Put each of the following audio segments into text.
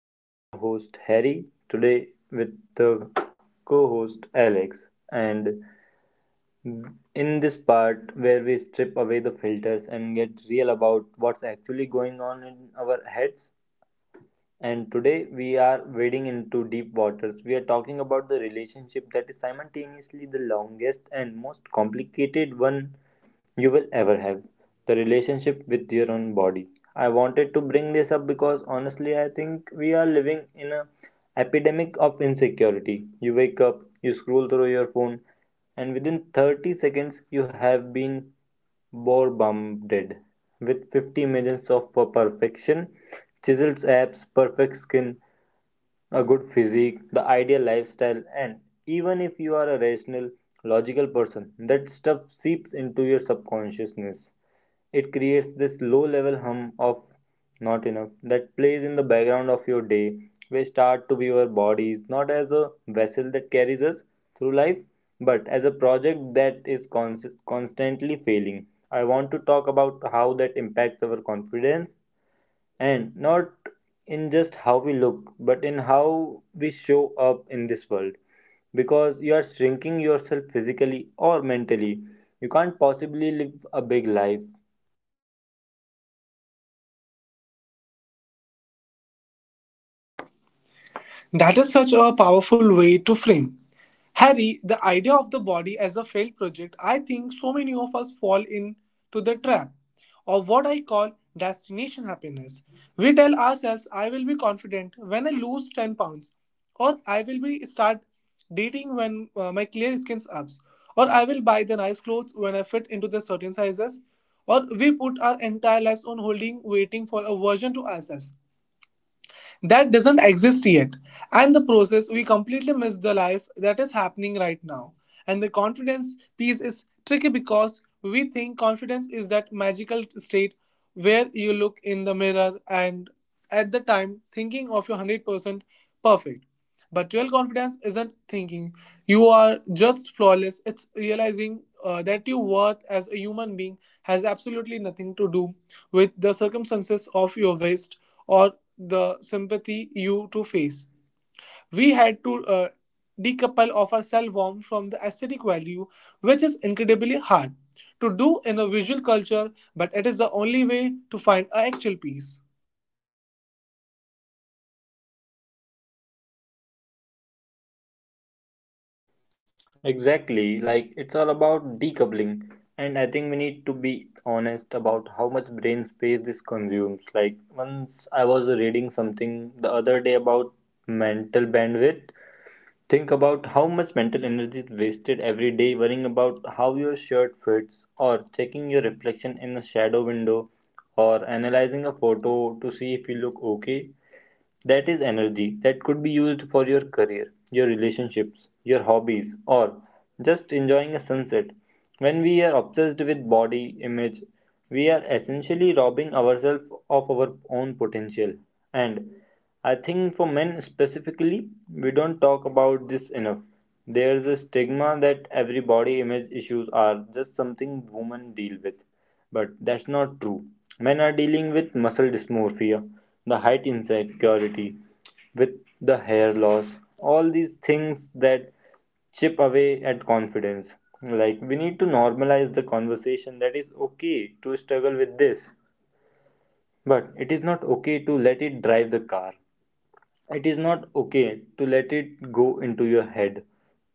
I'm your host Harry today with the co-host Alex and in this part where we strip away the filters and get real about what's actually going on in our heads and today we are wading into deep waters. We are talking about the relationship that is simultaneously the longest and most complicated one you will ever have the relationship with your own body. I wanted to bring this up because honestly, I think we are living in an epidemic of insecurity. You wake up, you scroll through your phone, and within 30 seconds, you have been Bohr bombarded with 50 millions of perfection chiseled abs, perfect skin a good physique, the ideal lifestyle, and even if you are a rational, logical person, that stuff seeps into your subconsciousness. It creates this low level hum of not enough that plays in the background of your day. We start to view our bodies not as a vessel that carries us through life, but as a project that is constantly failing. I want to talk about how that impacts our confidence and not in just how we look but in how we show up in this world because you are shrinking yourself physically or mentally you can't possibly live a big life That is such a powerful way to frame. Harry, the idea of the body as a failed project, I think so many of us fall into the trap of what I call destination happiness. We tell ourselves, I will be confident when I lose 10 lbs, or I will be start dating when my clear skin's up, or I will buy the nice clothes when I fit into the certain sizes, or we put our entire lives on holding, waiting for a version to ourselves that doesn't exist yet. And the process, we completely miss the life that is happening right now. And the confidence piece is tricky because we think confidence is that magical state where you look in the mirror and at the time thinking of your 100% perfect. But real confidence isn't thinking you are just flawless, it's realizing that your worth as a human being has absolutely nothing to do with the circumstances of your waist or the sympathy you to face. We had to decouple of our cell warmth from the aesthetic value, which is incredibly hard to do in a visual culture, but it is the only way to find a actual peace. exactly like it's all about decoupling and I think we need to be honest about how much brain space this consumes like once I was reading something the other day about mental bandwidth. Think about how much mental energy is wasted every day worrying about how your shirt fits, or checking your reflection in a shadow window, or analyzing a photo to see if you look okay. That is energy that could be used for your career, your relationships, your hobbies, or just enjoying a sunset. When we are obsessed with body image, we are essentially robbing ourselves of our own potential. And I think for men specifically, we don't talk about this enough. There's a stigma that every body image issues are just something women deal with but that's not true. Men are dealing with muscle dysmorphia, the height insecurity, with the hair loss, all these things that chip away at confidence. Like, we need to normalize the conversation that is okay to struggle with this, but it is not okay to let it drive the car. It is not okay to let it go into your head.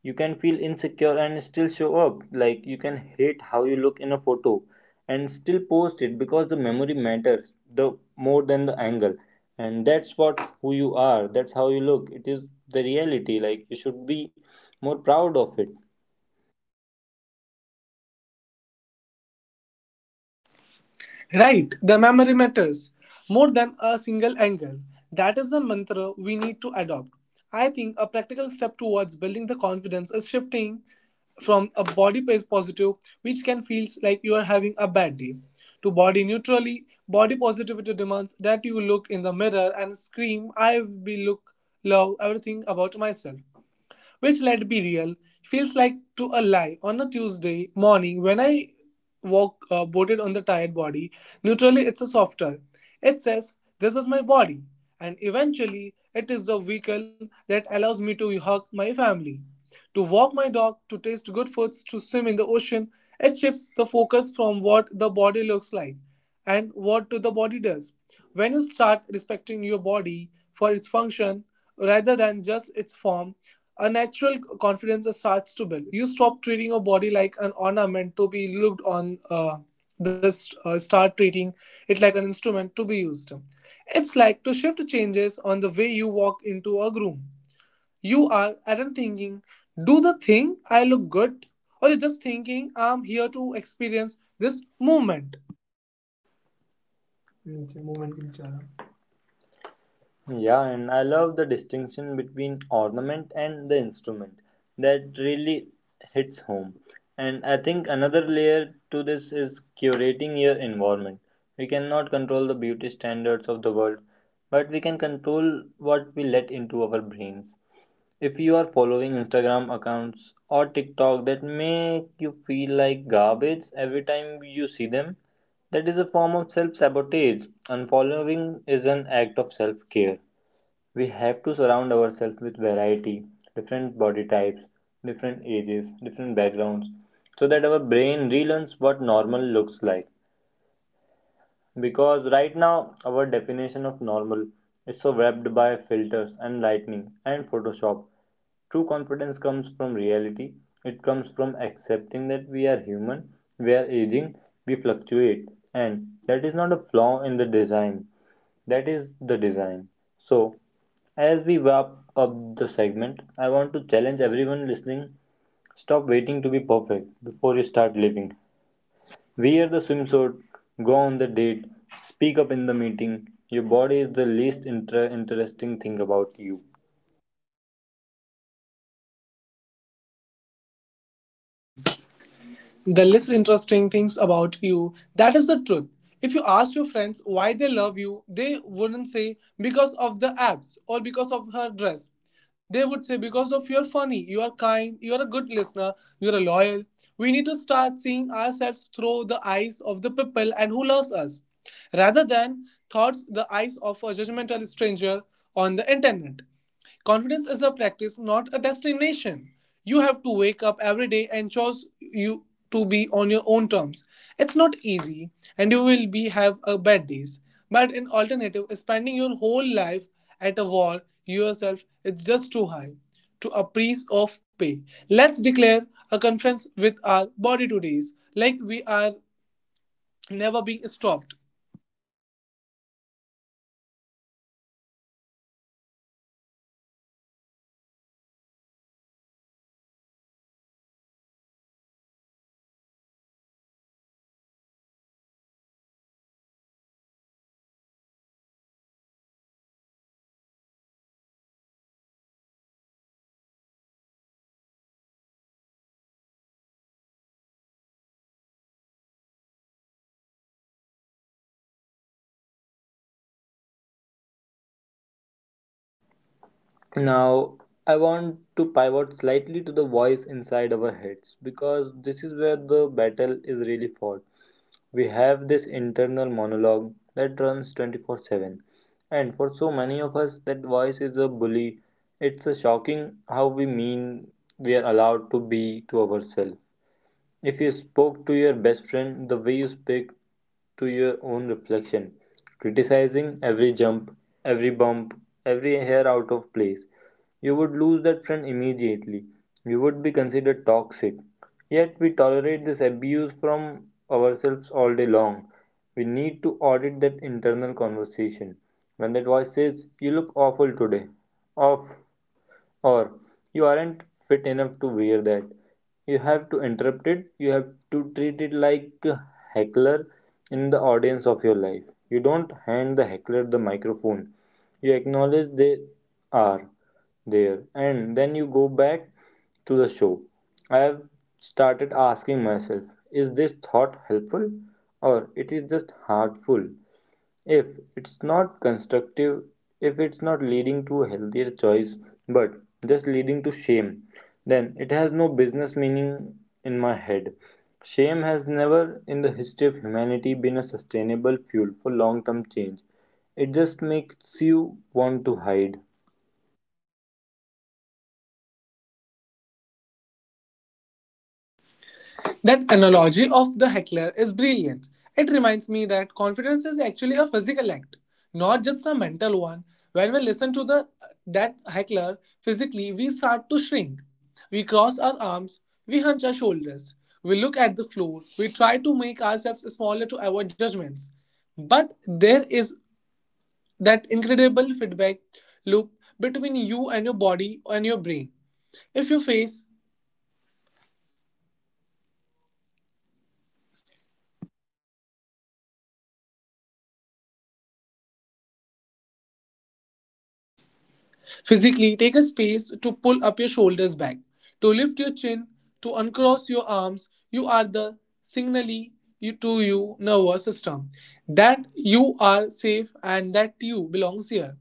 You can feel insecure and still show up. Like you can hate how you look in a photo and still post it because the memory matters the more than the angle. And that's what who you are. That's how you look. It is the reality. Like you should be more proud of it. Right, the memory matters more than a single angle. That is the mantra we need to adopt. I think a practical step towards building the confidence is shifting from a positive, which can feel like you are having a bad day, to body neutrally. Body positivity demands that you look in the mirror and scream, I will look, love everything about myself which, let's be real, feels like to a lie. On a Tuesday morning, when I walk boated on the tired body, neutrally it's a softer. It says, this is my body, and eventually it is the vehicle that allows me to hug my family, to walk my dog, to taste good foods, to swim in the ocean. It shifts the focus from what the body looks like and what to the body does. When you start respecting your body for its function rather than just its form, a natural confidence starts to build. You stop treating your body like an ornament to be looked on. This start treating it like an instrument to be used. It's like to shift changes on the way you walk into a room. You are aren't thinking, do the thing I look good, or you're just thinking I'm here to experience this moment. नीचे movement के नीचे आ जाओ। Yeah, and I love the distinction between ornament and the instrument. That really hits home. And I think another layer to this is curating your environment. We cannot control the beauty standards of the world, but we can control what we let into our brains. If you are following Instagram accounts or TikTok that make you feel like garbage every time you see them, that is a form of self sabotage. Unfollowing is an act of self care. We have to surround ourselves with variety, different body types, different ages, different backgrounds, so that our brain relearns what normal looks like. Because right now, our definition of normal is so wrapped by filters and lightning and Photoshop. True confidence comes from reality, it comes from accepting that we are human, we are aging, we fluctuate, and that is not a flaw in the design, that is the design. So, as we wrap up the segment, I want to challenge everyone listening stop waiting to be perfect before you start living. Wear the swimsuit, go on the date, speak up in the meeting. Your body is the least interesting thing about you. The least interesting things about you. That is the truth. If you ask your friends why they love you, they wouldn't say because of the abs or because of her dress. They would say because of you're funny, you are kind, you are a good listener, you are loyal. We need to start seeing ourselves through the eyes of the people and who loves us, rather than thoughts the eyes of a judgmental stranger on the internet. Confidence is a practice, not a destination. You have to wake up every day and choose you to be on your own terms. It's not easy, and you will be have a bad days. But an alternative is spending your whole life at a wall yourself. It's just too high, to a price of pay. Let's declare a conference with our body today's, like we are never being stopped. Now, I want to pivot slightly to the voice inside our heads because this is where the battle is really fought. We have this internal monologue that runs 24/7. And for so many of us, that voice is a bully. It's a shocking how we mean we are allowed to be to ourselves. If you spoke to your best friend the way you speak to your own reflection, criticizing every jump, every bump, every hair out of place, you would lose that friend immediately. You would be considered toxic. Yet we tolerate this abuse from ourselves all day long. We need to audit that internal conversation. When that voice says, "You look awful today," off, or you aren't fit enough to wear that, you have to interrupt it. You have to treat it like a heckler in the audience of your life. You don't hand the heckler the microphone. You acknowledge they are there, and then you go back to the show. I have started asking myself, is this thought helpful, or it is just hurtful? If it's not constructive, if it's not leading to a healthier choice, but just leading to shame, then it has no business meaning in my head. Shame has never in the history of humanity been a sustainable fuel for long term change. It just makes you want to hide. That analogy of the heckler is brilliant. It reminds me that confidence is actually a physical act, not just a mental one. When we listen to the that heckler physically, we start to shrink. We cross our arms, we hunch our shoulders, we look at the floor, we try to make ourselves smaller to avoid judgments. But there is that incredible feedback loop between you and your body and your brain. If you face physically, take a space to pull up your shoulders back, to lift your chin, to uncross your arms. You are the signally you to your nervous system that you are safe and that you belongs here.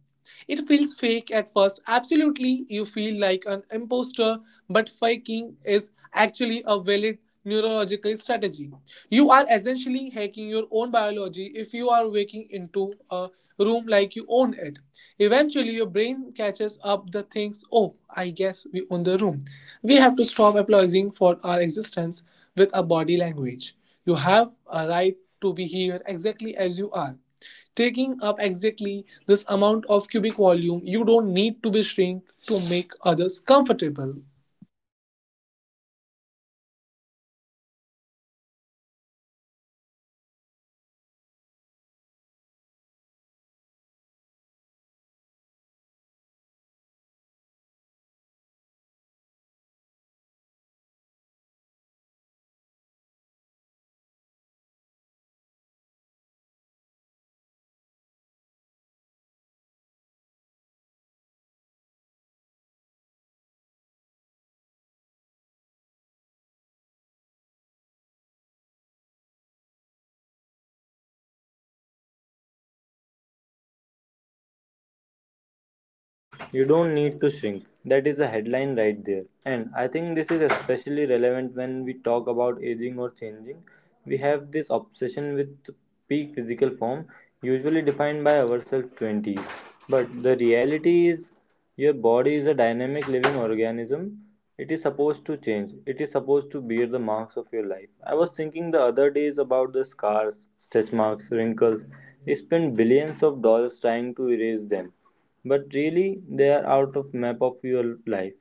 It feels fake at first. Absolutely, you feel like an imposter, but faking is actually a valid neurological strategy. You are essentially hacking your own biology if you are waking into a room like you own it. Eventually, your brain catches up the things, oh, I guess we own the room. We have to stop apologizing for our existence with a body language. You have a right to be here exactly as you are taking up exactly this amount of cubic volume. You don't need to be shrink to make others comfortable. You don't need to shrink. That is a headline right there. And I think this is especially relevant when we talk about aging or changing. We have this obsession with peak physical form, usually defined by ourselves 20s. But the reality is, your body is a dynamic living organism. It is supposed to change. It is supposed to bear the marks of your life. I was thinking the other days about the scars, stretch marks, wrinkles. We spend billions of dollars trying to erase them but really they are out of map of your life.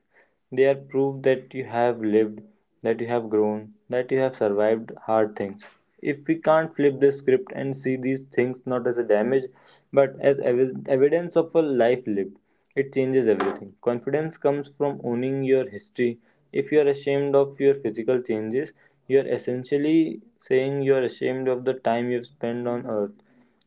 They are proof that you have lived, that you have grown, that you have survived hard things. If we can't flip the script and see these things not as a damage but as evidence of a life lived, it changes everything. Confidence comes from owning your history. If you are ashamed of your physical changes, you are essentially saying you are ashamed of the time you've spent on earth,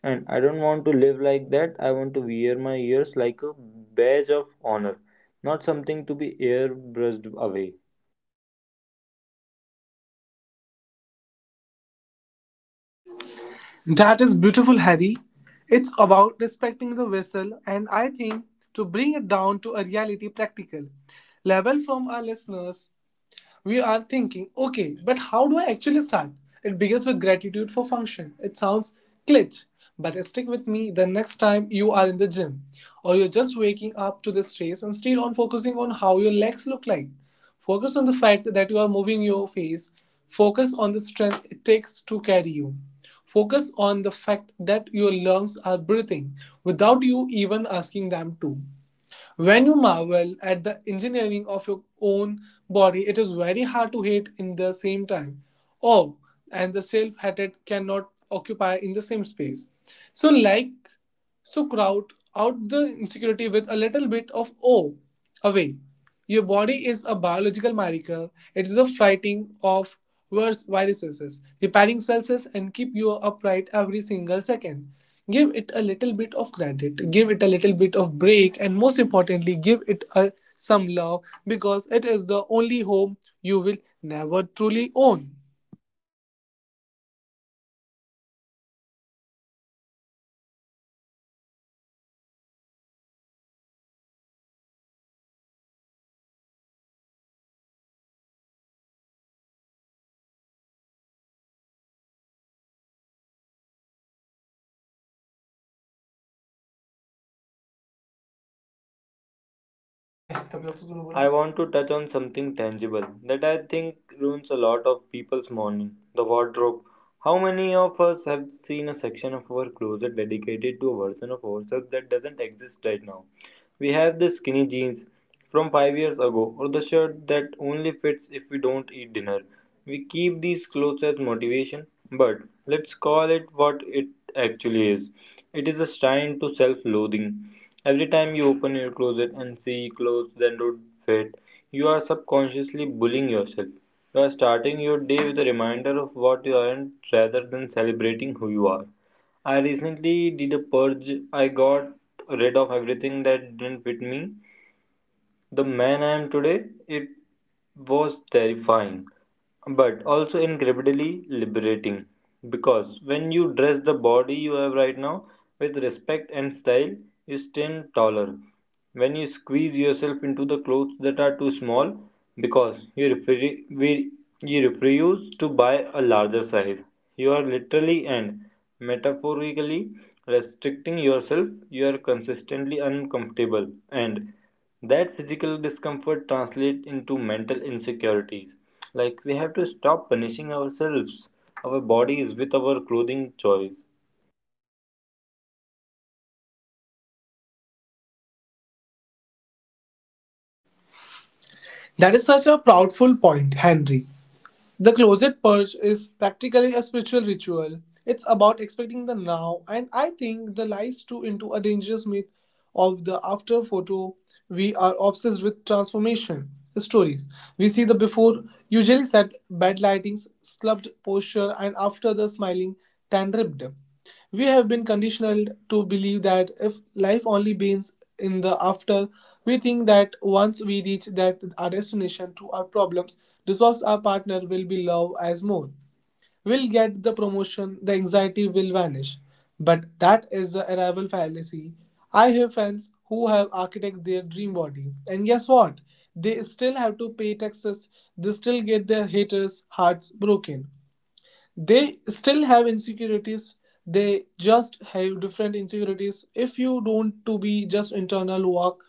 and I don't want to live like that. I want to wear my ears like a badge of honor, not something to be airbrushed away. That is beautiful, Harry. It's about respecting the vessel, and I think to bring it down to a reality practical level from our listeners, we are thinking, okay, but how do I actually start? It begins with gratitude for function. It sounds glitch, but stick with me the next time you are in the gym or you're just waking up to this face and instead on focusing on how your legs look like. Focus on the fact that you are moving your face. Focus on the strength it takes to carry you. Focus on the fact that your lungs are breathing without you even asking them to. When you marvel at the engineering of your own body, it is very hard to hate in the same time. Oh, and the self hatred cannot occupy in the same space. So, like, so crowd out the insecurity with a little bit of awe away. Your body is a biological miracle. It is a fighting of worse viruses, repairing cells, and keep you upright every single second. Give it a little bit of credit, give it a little bit of break, and most importantly give it a, some love, because it is the only home you will never truly own. Eh, I want to touch on something tangible that I think ruins a lot of people's morning the wardrobe. How many of us have seen a section of our closet dedicated to a version of ourselves that doesn't exist right now? We have the skinny jeans from 5 years ago or the shirt that only fits if we don't eat dinner. We keep these clothes as motivation, but let's call it what it actually is, it is a shrine to self loathing. Every time you open your closet and see clothes that don't fit, you are subconsciously bullying yourself. You are starting your day with a reminder of what you aren't rather than celebrating who you are. I recently did a purge. I got rid of everything that didn't fit me the man I am today. It was terrifying, but also incredibly liberating. Because when you dress the body you have right now with respect and style, you stand taller. When you squeeze yourself into the clothes that are too small, because you refuse to buy a larger size, you are literally and metaphorically restricting yourself. You are consistently uncomfortable and that physical discomfort translates into mental insecurities. Like, we have to stop punishing ourselves our bodies with our clothing choice. That is such a proudful point, Henry. The closet purge is practically a spiritual ritual. It's about expecting the now, and I think the lies too into a dangerous myth of the after photo. We are obsessed with transformation stories. We see the before, usually set bad lightings, slumped posture, and after the smiling, tan ripped. We have been conditioned to believe that if life only begins in the after, we think that once we reach that our destination to our problems dissolves our partner will be loved as more. We'll get the promotion, the anxiety will vanish. But that is the arrival fallacy. I have friends who have architect their dream body. And guess what? They still have to pay taxes, they still get their haters' hearts broken, they still have insecurities. They just have different insecurities. If you don't to be just internal work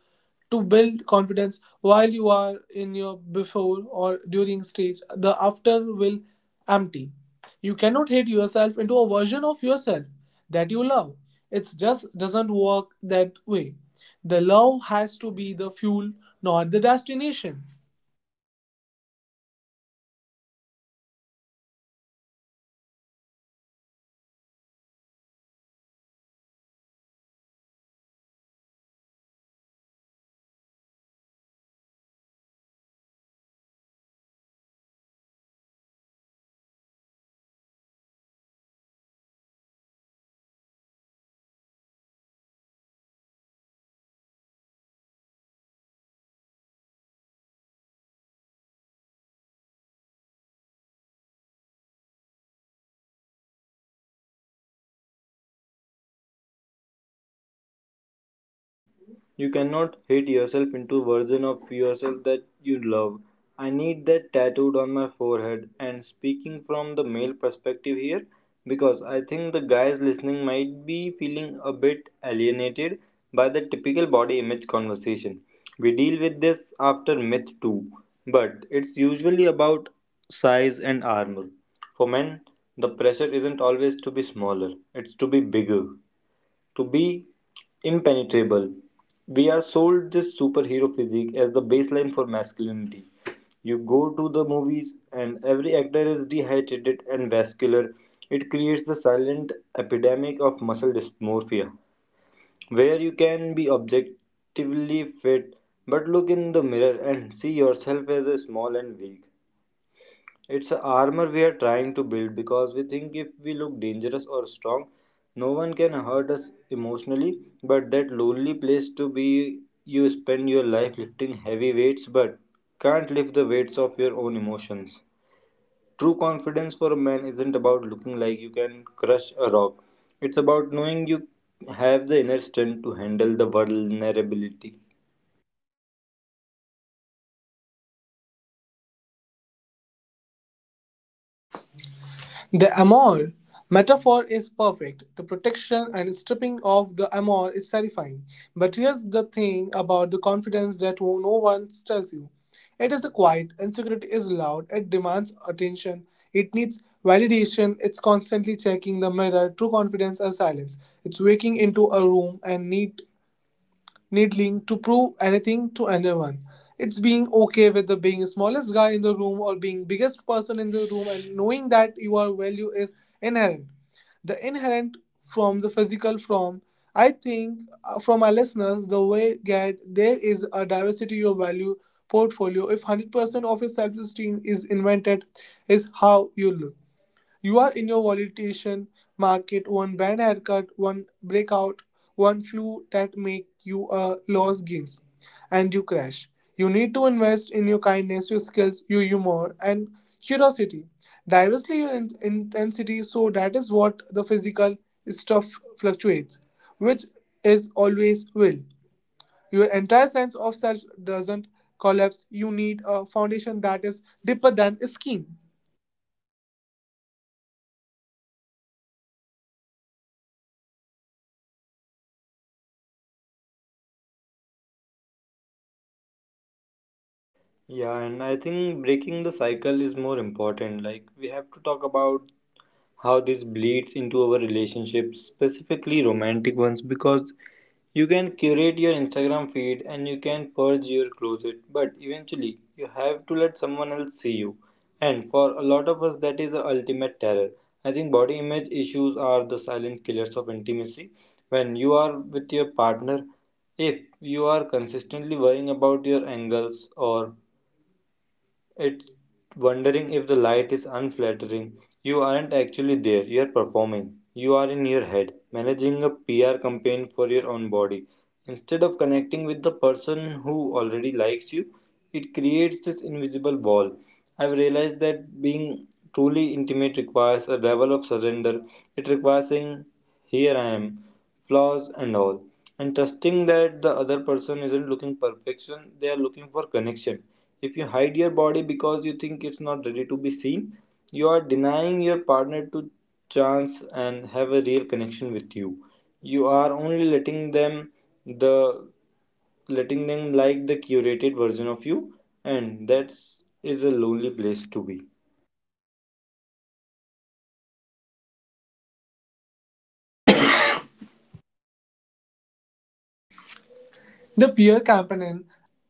to build confidence while you are in your before or during stage, the after will empty. You cannot hate yourself into a version of yourself that you love. It just doesn't work that way. The love has to be the fuel, not the destination. You cannot hate yourself into version of yourself that you love. I need that tattooed on my forehead and speaking from the male perspective here because I think the guys listening might be feeling a bit alienated by the typical body image conversation. We deal with this after myth too, but it's usually about size and armor. For men, the pressure isn't always to be smaller, it's to be bigger to be impenetrable. We are sold this superhero physique as the baseline for masculinity. You go to the movies, and every actor is dehydrated and vascular. It creates the silent epidemic of muscle dysmorphia, where you can be objectively fit but look in the mirror and see yourself as a small and weak. It's a armor we are trying to build because we think if we look dangerous or strong, no one can hurt us emotionally. But that lonely place to be, you spend your life lifting heavy weights but can't lift the weights of your own emotions. True confidence for a man isn't about looking like you can crush a rock, it's about knowing you have the inner strength to handle the vulnerability. The Amor metaphor is perfect. The protection and stripping of the Amor is terrifying. But here's the thing about the confidence that no one tells you. It is quiet, insecurity is loud, it demands attention, it needs validation, it's constantly checking the mirror. True confidence is silence. It's waking into a room and need needling to prove anything to anyone. It's being okay with the being smallest guy in the room or being biggest person in the room and knowing that your value is inherent. The inherent from the physical from I think from our listeners the way get there is a diversity of value portfolio. If 100% of your self esteem is invented is how you look, you are in your volatilization market, one bad haircut, one breakout, one flu that make you lose gains and you crash. You need to invest in your kindness, your skills, your humor, and curiosity. Diversely your intensity, so that is what the physical stuff fluctuates, which is always will. Your entire sense of self doesn't collapse. You need a foundation that is deeper than skin. Yeah, and I think breaking the cycle is more important. Like, we have to talk about how this bleeds into our relationships, specifically romantic ones, because you can curate your Instagram feed and you can purge your closet, but eventually you have to let someone else see you. And for a lot of us, that is the ultimate terror. I think body image issues are the silent killers of intimacy. When you are with your partner, if you are consistently worrying about your angles or it's wondering if the light is unflattering. You aren't actually there, you're performing. You are in your head, managing a PR campaign for your own body. Instead of connecting with the person who already likes you, it creates this invisible wall. I've realized that being truly intimate requires a level of surrender. It requires saying, here I am, flaws and all, and trusting that the other person isn't looking perfection, they are looking for connection. If you hide your body because you think it's not ready to be seen, you are denying your partner to chance and have a real connection with you. You are only letting them the letting them like the curated version of you, and that is a lonely place to be. The Pierre Campanin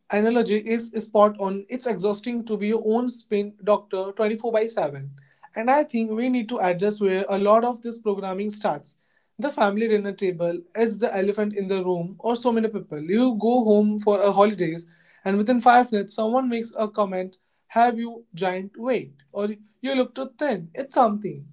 analogy is spot on. It's exhausting to be your own spin doctor 24 by 7. And I think we need to address where a lot of this programming starts. The family dinner table is the elephant in the room, or so many people. You go home for a holidays, and within 5 minutes, someone makes a comment, have you giant weight? Or you look too thin. It's something.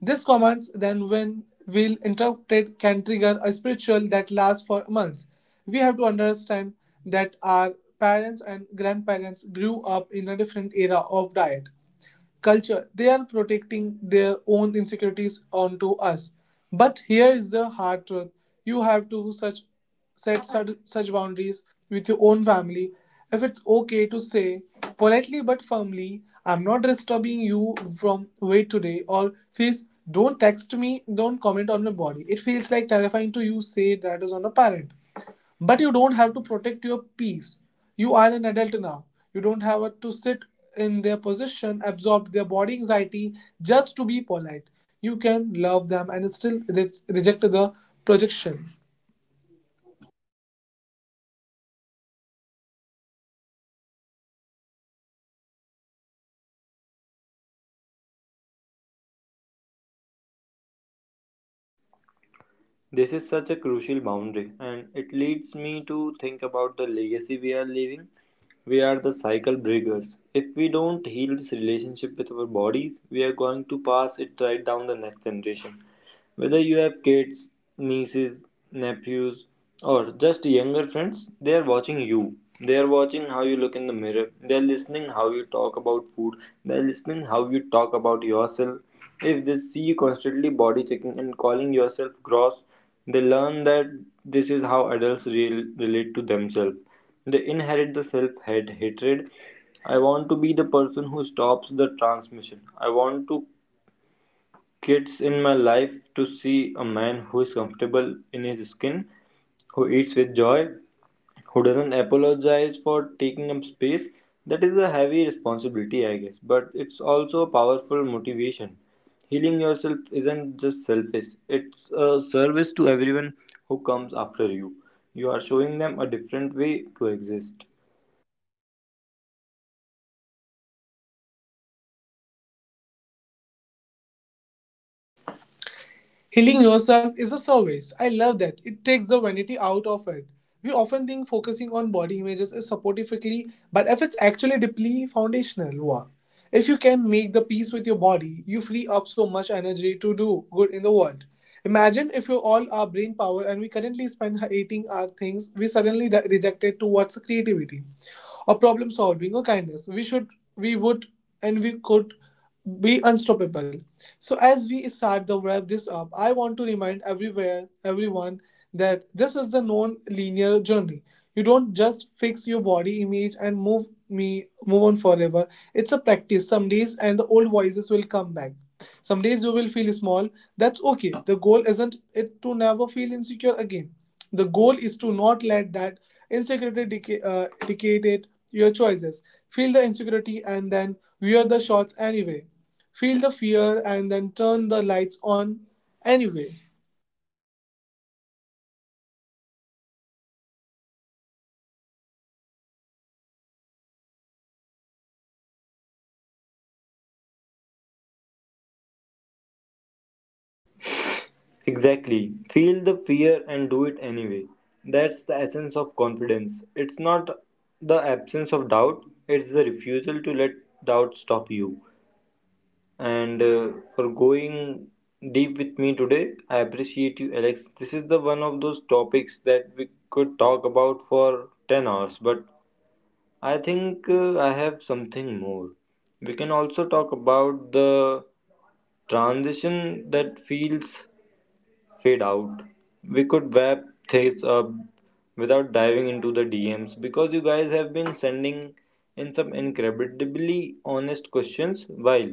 These commands, then, when will interpreted, can trigger a spiritual that lasts for months. We have to understand that our parents and grandparents grew up in a different era of diet culture. They are protecting their own insecurities onto us. But here is the hard truth: you have to such set such boundaries with your own family. If it's okay to say politely but firmly, "I'm not disturbing you from weight today," or "Please don't text me, don't comment on my body." It feels like terrifying to you say that is on a parent but you don't have to protect your peace. You are an adult now. You don't have to sit in their position, absorb their body anxiety just to be polite. You can love them and still reject the projection. This is such a crucial boundary and it leads me to think about the legacy we are leaving. We are the cycle breakers. If we don't heal this relationship with our bodies, we are going to pass it right down the next generation. Whether you have kids, nieces, nephews, or just younger friends, they are watching you. They are watching how you look in the mirror. They are listening how you talk about food. They are listening how you talk about yourself. If they see you constantly body checking and calling yourself gross, they learn that this is how adults real relate to themselves. They inherit the self hate hatred. I want to be the person who stops the transmission. I want to kids in my life to see a man who is comfortable in his skin, who eats with joy, who doesn't apologize for taking up space. That is a heavy responsibility, I guess, but it's also a powerful motivation. Healing yourself isn't just selfish, it's a service to everyone who comes after you. You are showing them a different way to exist. Healing yourself is a service. I love that. It takes the vanity out of it. We often think focusing on body images is supportively, but if it's actually deeply foundational work. If you can make the peace with your body, you free up so much energy to do good in the world. Imagine if you all are brain power and we currently spend hating our things we suddenly rejected towards creativity or problem solving or kindness we would and we could be unstoppable. So as we start the wrap this up, I want to remind everywhere everyone that this is the non-linear journey. You don't just fix your body image and move on forever. It's a practice. Some days and the old voices will come back, some days you will feel small. That's okay. The goal isn't it to never feel insecure again. The goal is to not let that insecurity dictate your choices. Feel the insecurity and then wear the shorts anyway. Feel the fear and then turn the lights on anyway. Exactly. Feel the fear and do it anyway. That's the essence of confidence. It's not the absence of doubt, it's the refusal to let doubt stop you. And For going deep with me today, I appreciate you, Alex. This is the one of those topics that we could talk about for 10 hours, but I have something more. We can also talk about the transition that feels fade out. We could wrap things up without diving into the DMs because you guys have been sending in some incredibly honest questions while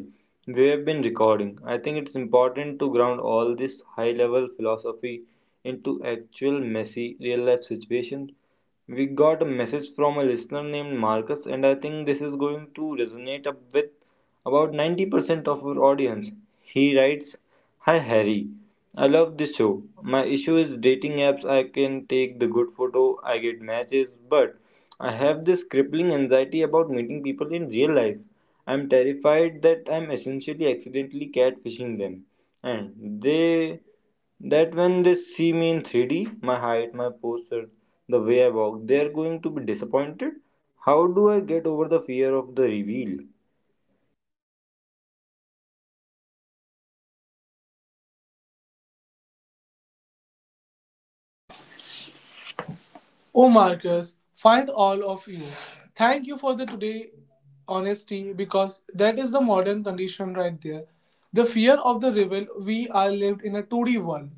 we have been recording. I think it's important to ground all this high level philosophy into actual messy real life situations. We got a message from a listener named Marcus, and I think this is going to resonate up with about 90% of our audience. He writes, "Hi Harry, I love this show. My issue is dating apps. I can take the good photo, I get matches, but I have this crippling anxiety about meeting people in real life. I'm terrified that I'm essentially accidentally catfishing them. And they That when they see me in 3D, my height, my posture, the way I walk, they're going to be disappointed. How do I get over the fear of the reveal?" Oh, Marcus, find all of you. Thank you for the today honesty because that is the modern condition right there. The fear of the reveal. We are lived in a 2D world,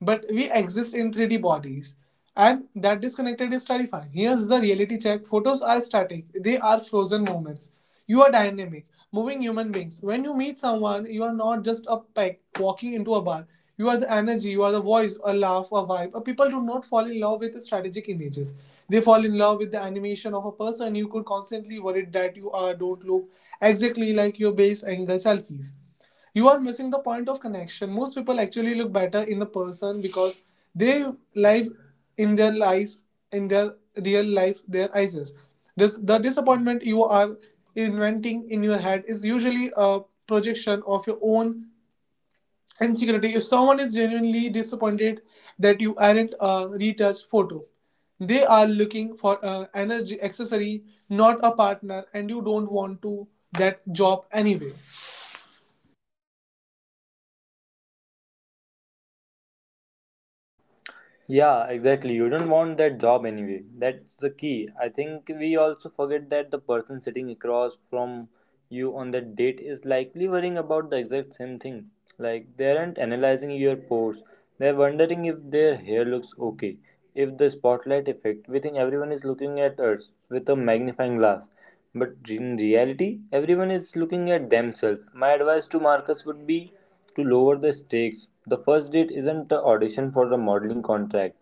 but we exist in 3D bodies, and that disconnected is terrifying. Here's the reality check: photos are static, they are frozen moments. You are dynamic, moving human beings. When you meet someone, you are not just a peg walking into a bar. You are the energy, you are the voice, a laugh, a vibe. People do not fall in love with strategic images. They fall in love with the animation of a person. You could constantly worry that you are don't look exactly like your base angle selfies. You are missing the point of connection. Most people actually look better in the person because they live in their lives, in their real life, their eyes. This the disappointment you are inventing in your head is usually a projection of your own insecurity. If someone is genuinely disappointed that you aren't a retouched photo, they are looking for an energy accessory, not a partner, and you don't want to that job anyway. Yeah, exactly. You don't want that job anyway. That's the key. I think we also forget that the person sitting across from you on that date is likely worrying about the exact same thing. Like, they aren't analyzing your pores, they're wondering if their hair looks okay, if the spotlight effect. We think everyone is looking at us with a magnifying glass. But in reality, everyone is looking at themselves. My advice to Marcus would be to lower the stakes. The first date isn't the audition for the modeling contract,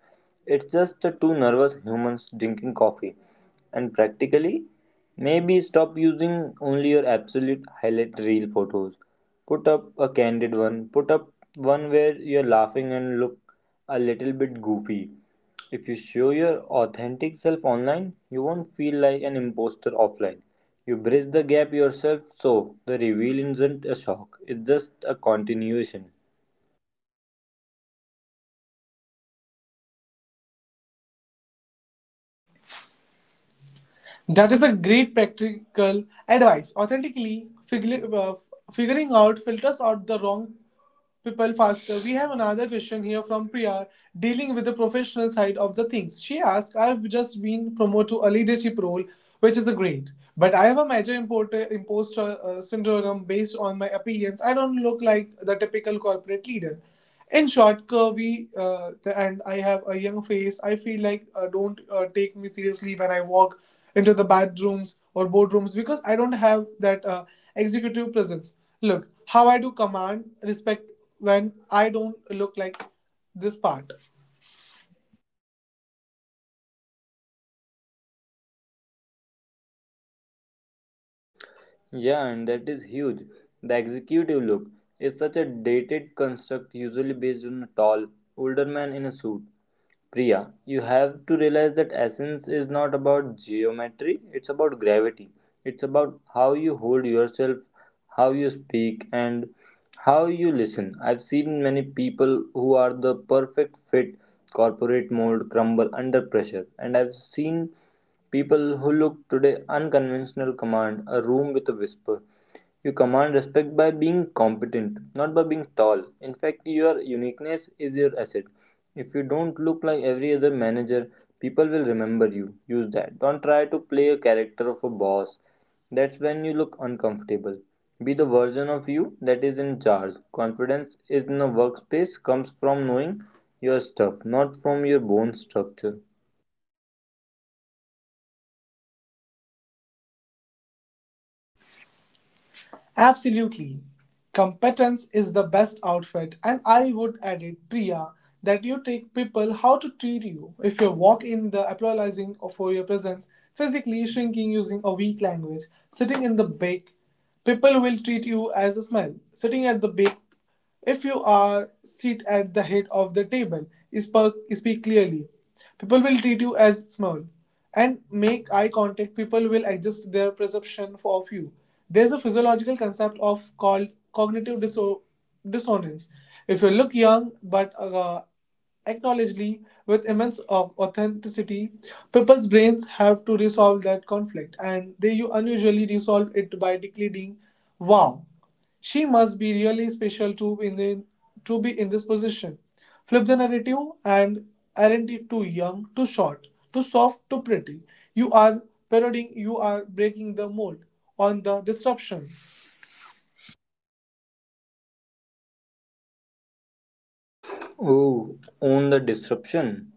it's just the two nervous humans drinking coffee. And practically, maybe stop using only your absolute highlight reel photos. Put up a candid one, put up one where you're laughing and look a little bit goofy. If you show your authentic self online, you won't feel like an imposter offline. You bridge the gap yourself, so the reveal isn't a shock, it's just a continuation. That is a great practical advice. Authentically, figuring out filters out the wrong people faster. We have another question here from Priya, dealing with the professional side of the things. She asked, I've just been promoted to a leadership role, which is a great, but I have a major imposter syndrome based on my appearance. I don't look like the typical corporate leader. In short, curvy, and I have a young face. I feel like don't take me seriously when I walk into the bathrooms or boardrooms because I don't have that executive presence. Look, how I do command respect when I don't look like this part. Yeah, and that is huge. The executive look is such a dated construct, usually based on a tall, older man in a suit. Priya, you have to realize that essence is not about geometry, it's about gravity. It's about how you hold yourself, how you speak, and how you listen. I've seen many people who are the perfect fit corporate mold crumble under pressure, and I've seen people who look today unconventional command a room with a whisper. You command respect by being competent, not by being tall. In fact, your uniqueness is your asset. If you don't look like every other manager, people will remember you. Use that. Don't try to play a character of a boss. That's when you look uncomfortable. Be the version of you that is in charge. Confidence in a workspace comes from knowing your stuff, not from your bone structure. Absolutely. Competence is the best outfit, and I would add it, Priya, that you take people how to treat you. If you walk in the apologizing for your presence, physically shrinking using a weak language, sitting in the back, people will treat you as a smell. Sitting at the back. If you are sit at the head of the table, speak clearly. People will treat you as small and make eye contact. People will adjust their perception of you. There's a physiological concept of called cognitive dissonance. If you look young but acknowledgedly with immense of authenticity, people's brains have to resolve that conflict, and they you unusually resolve it by declaring, "Wow. She must be really special to to be in this position." Flip the narrative and aren't you too young, too short, too soft, too pretty. You are parodying, you are breaking the mold on the disruption. Oh, own the disruption.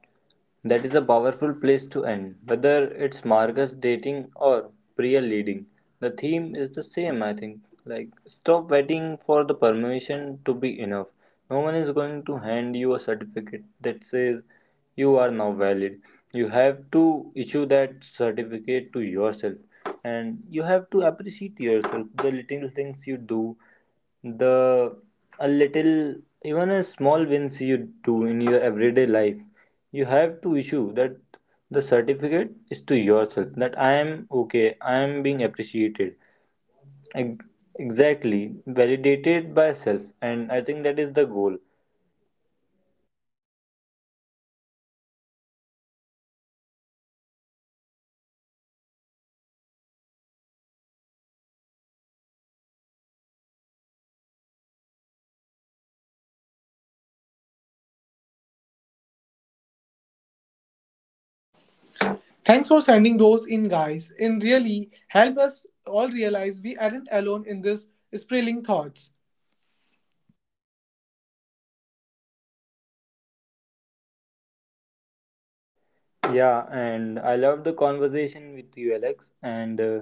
That is a powerful place to end, whether it's Marcus dating or Priya leading. The theme is the same, I think. Like, stop waiting for the permission to be enough. No one is going to hand you a certificate that says you are now valid. You have to issue that certificate to yourself, and you have to appreciate yourself, the little things you do, the a little even a small wins you do in your everyday life. You have to issue that the certificate is to yourself that I am okay, I am being appreciated, exactly validated by self, and I think that is the goal. Thanks for sending those in, guys. It really help us all realize we aren't alone in this spiraling thoughts. Yeah, and I love the conversation with you, Alex, and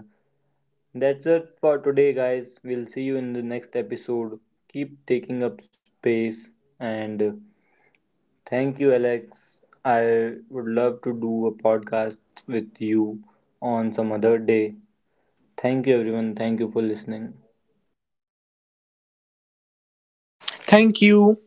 that's it for today guys. We'll see you in the next episode. Keep taking up space. And Thank you, Alex. I would love to do a podcast with you on some other day. Thank you, everyone. Thank you for listening. Thank you.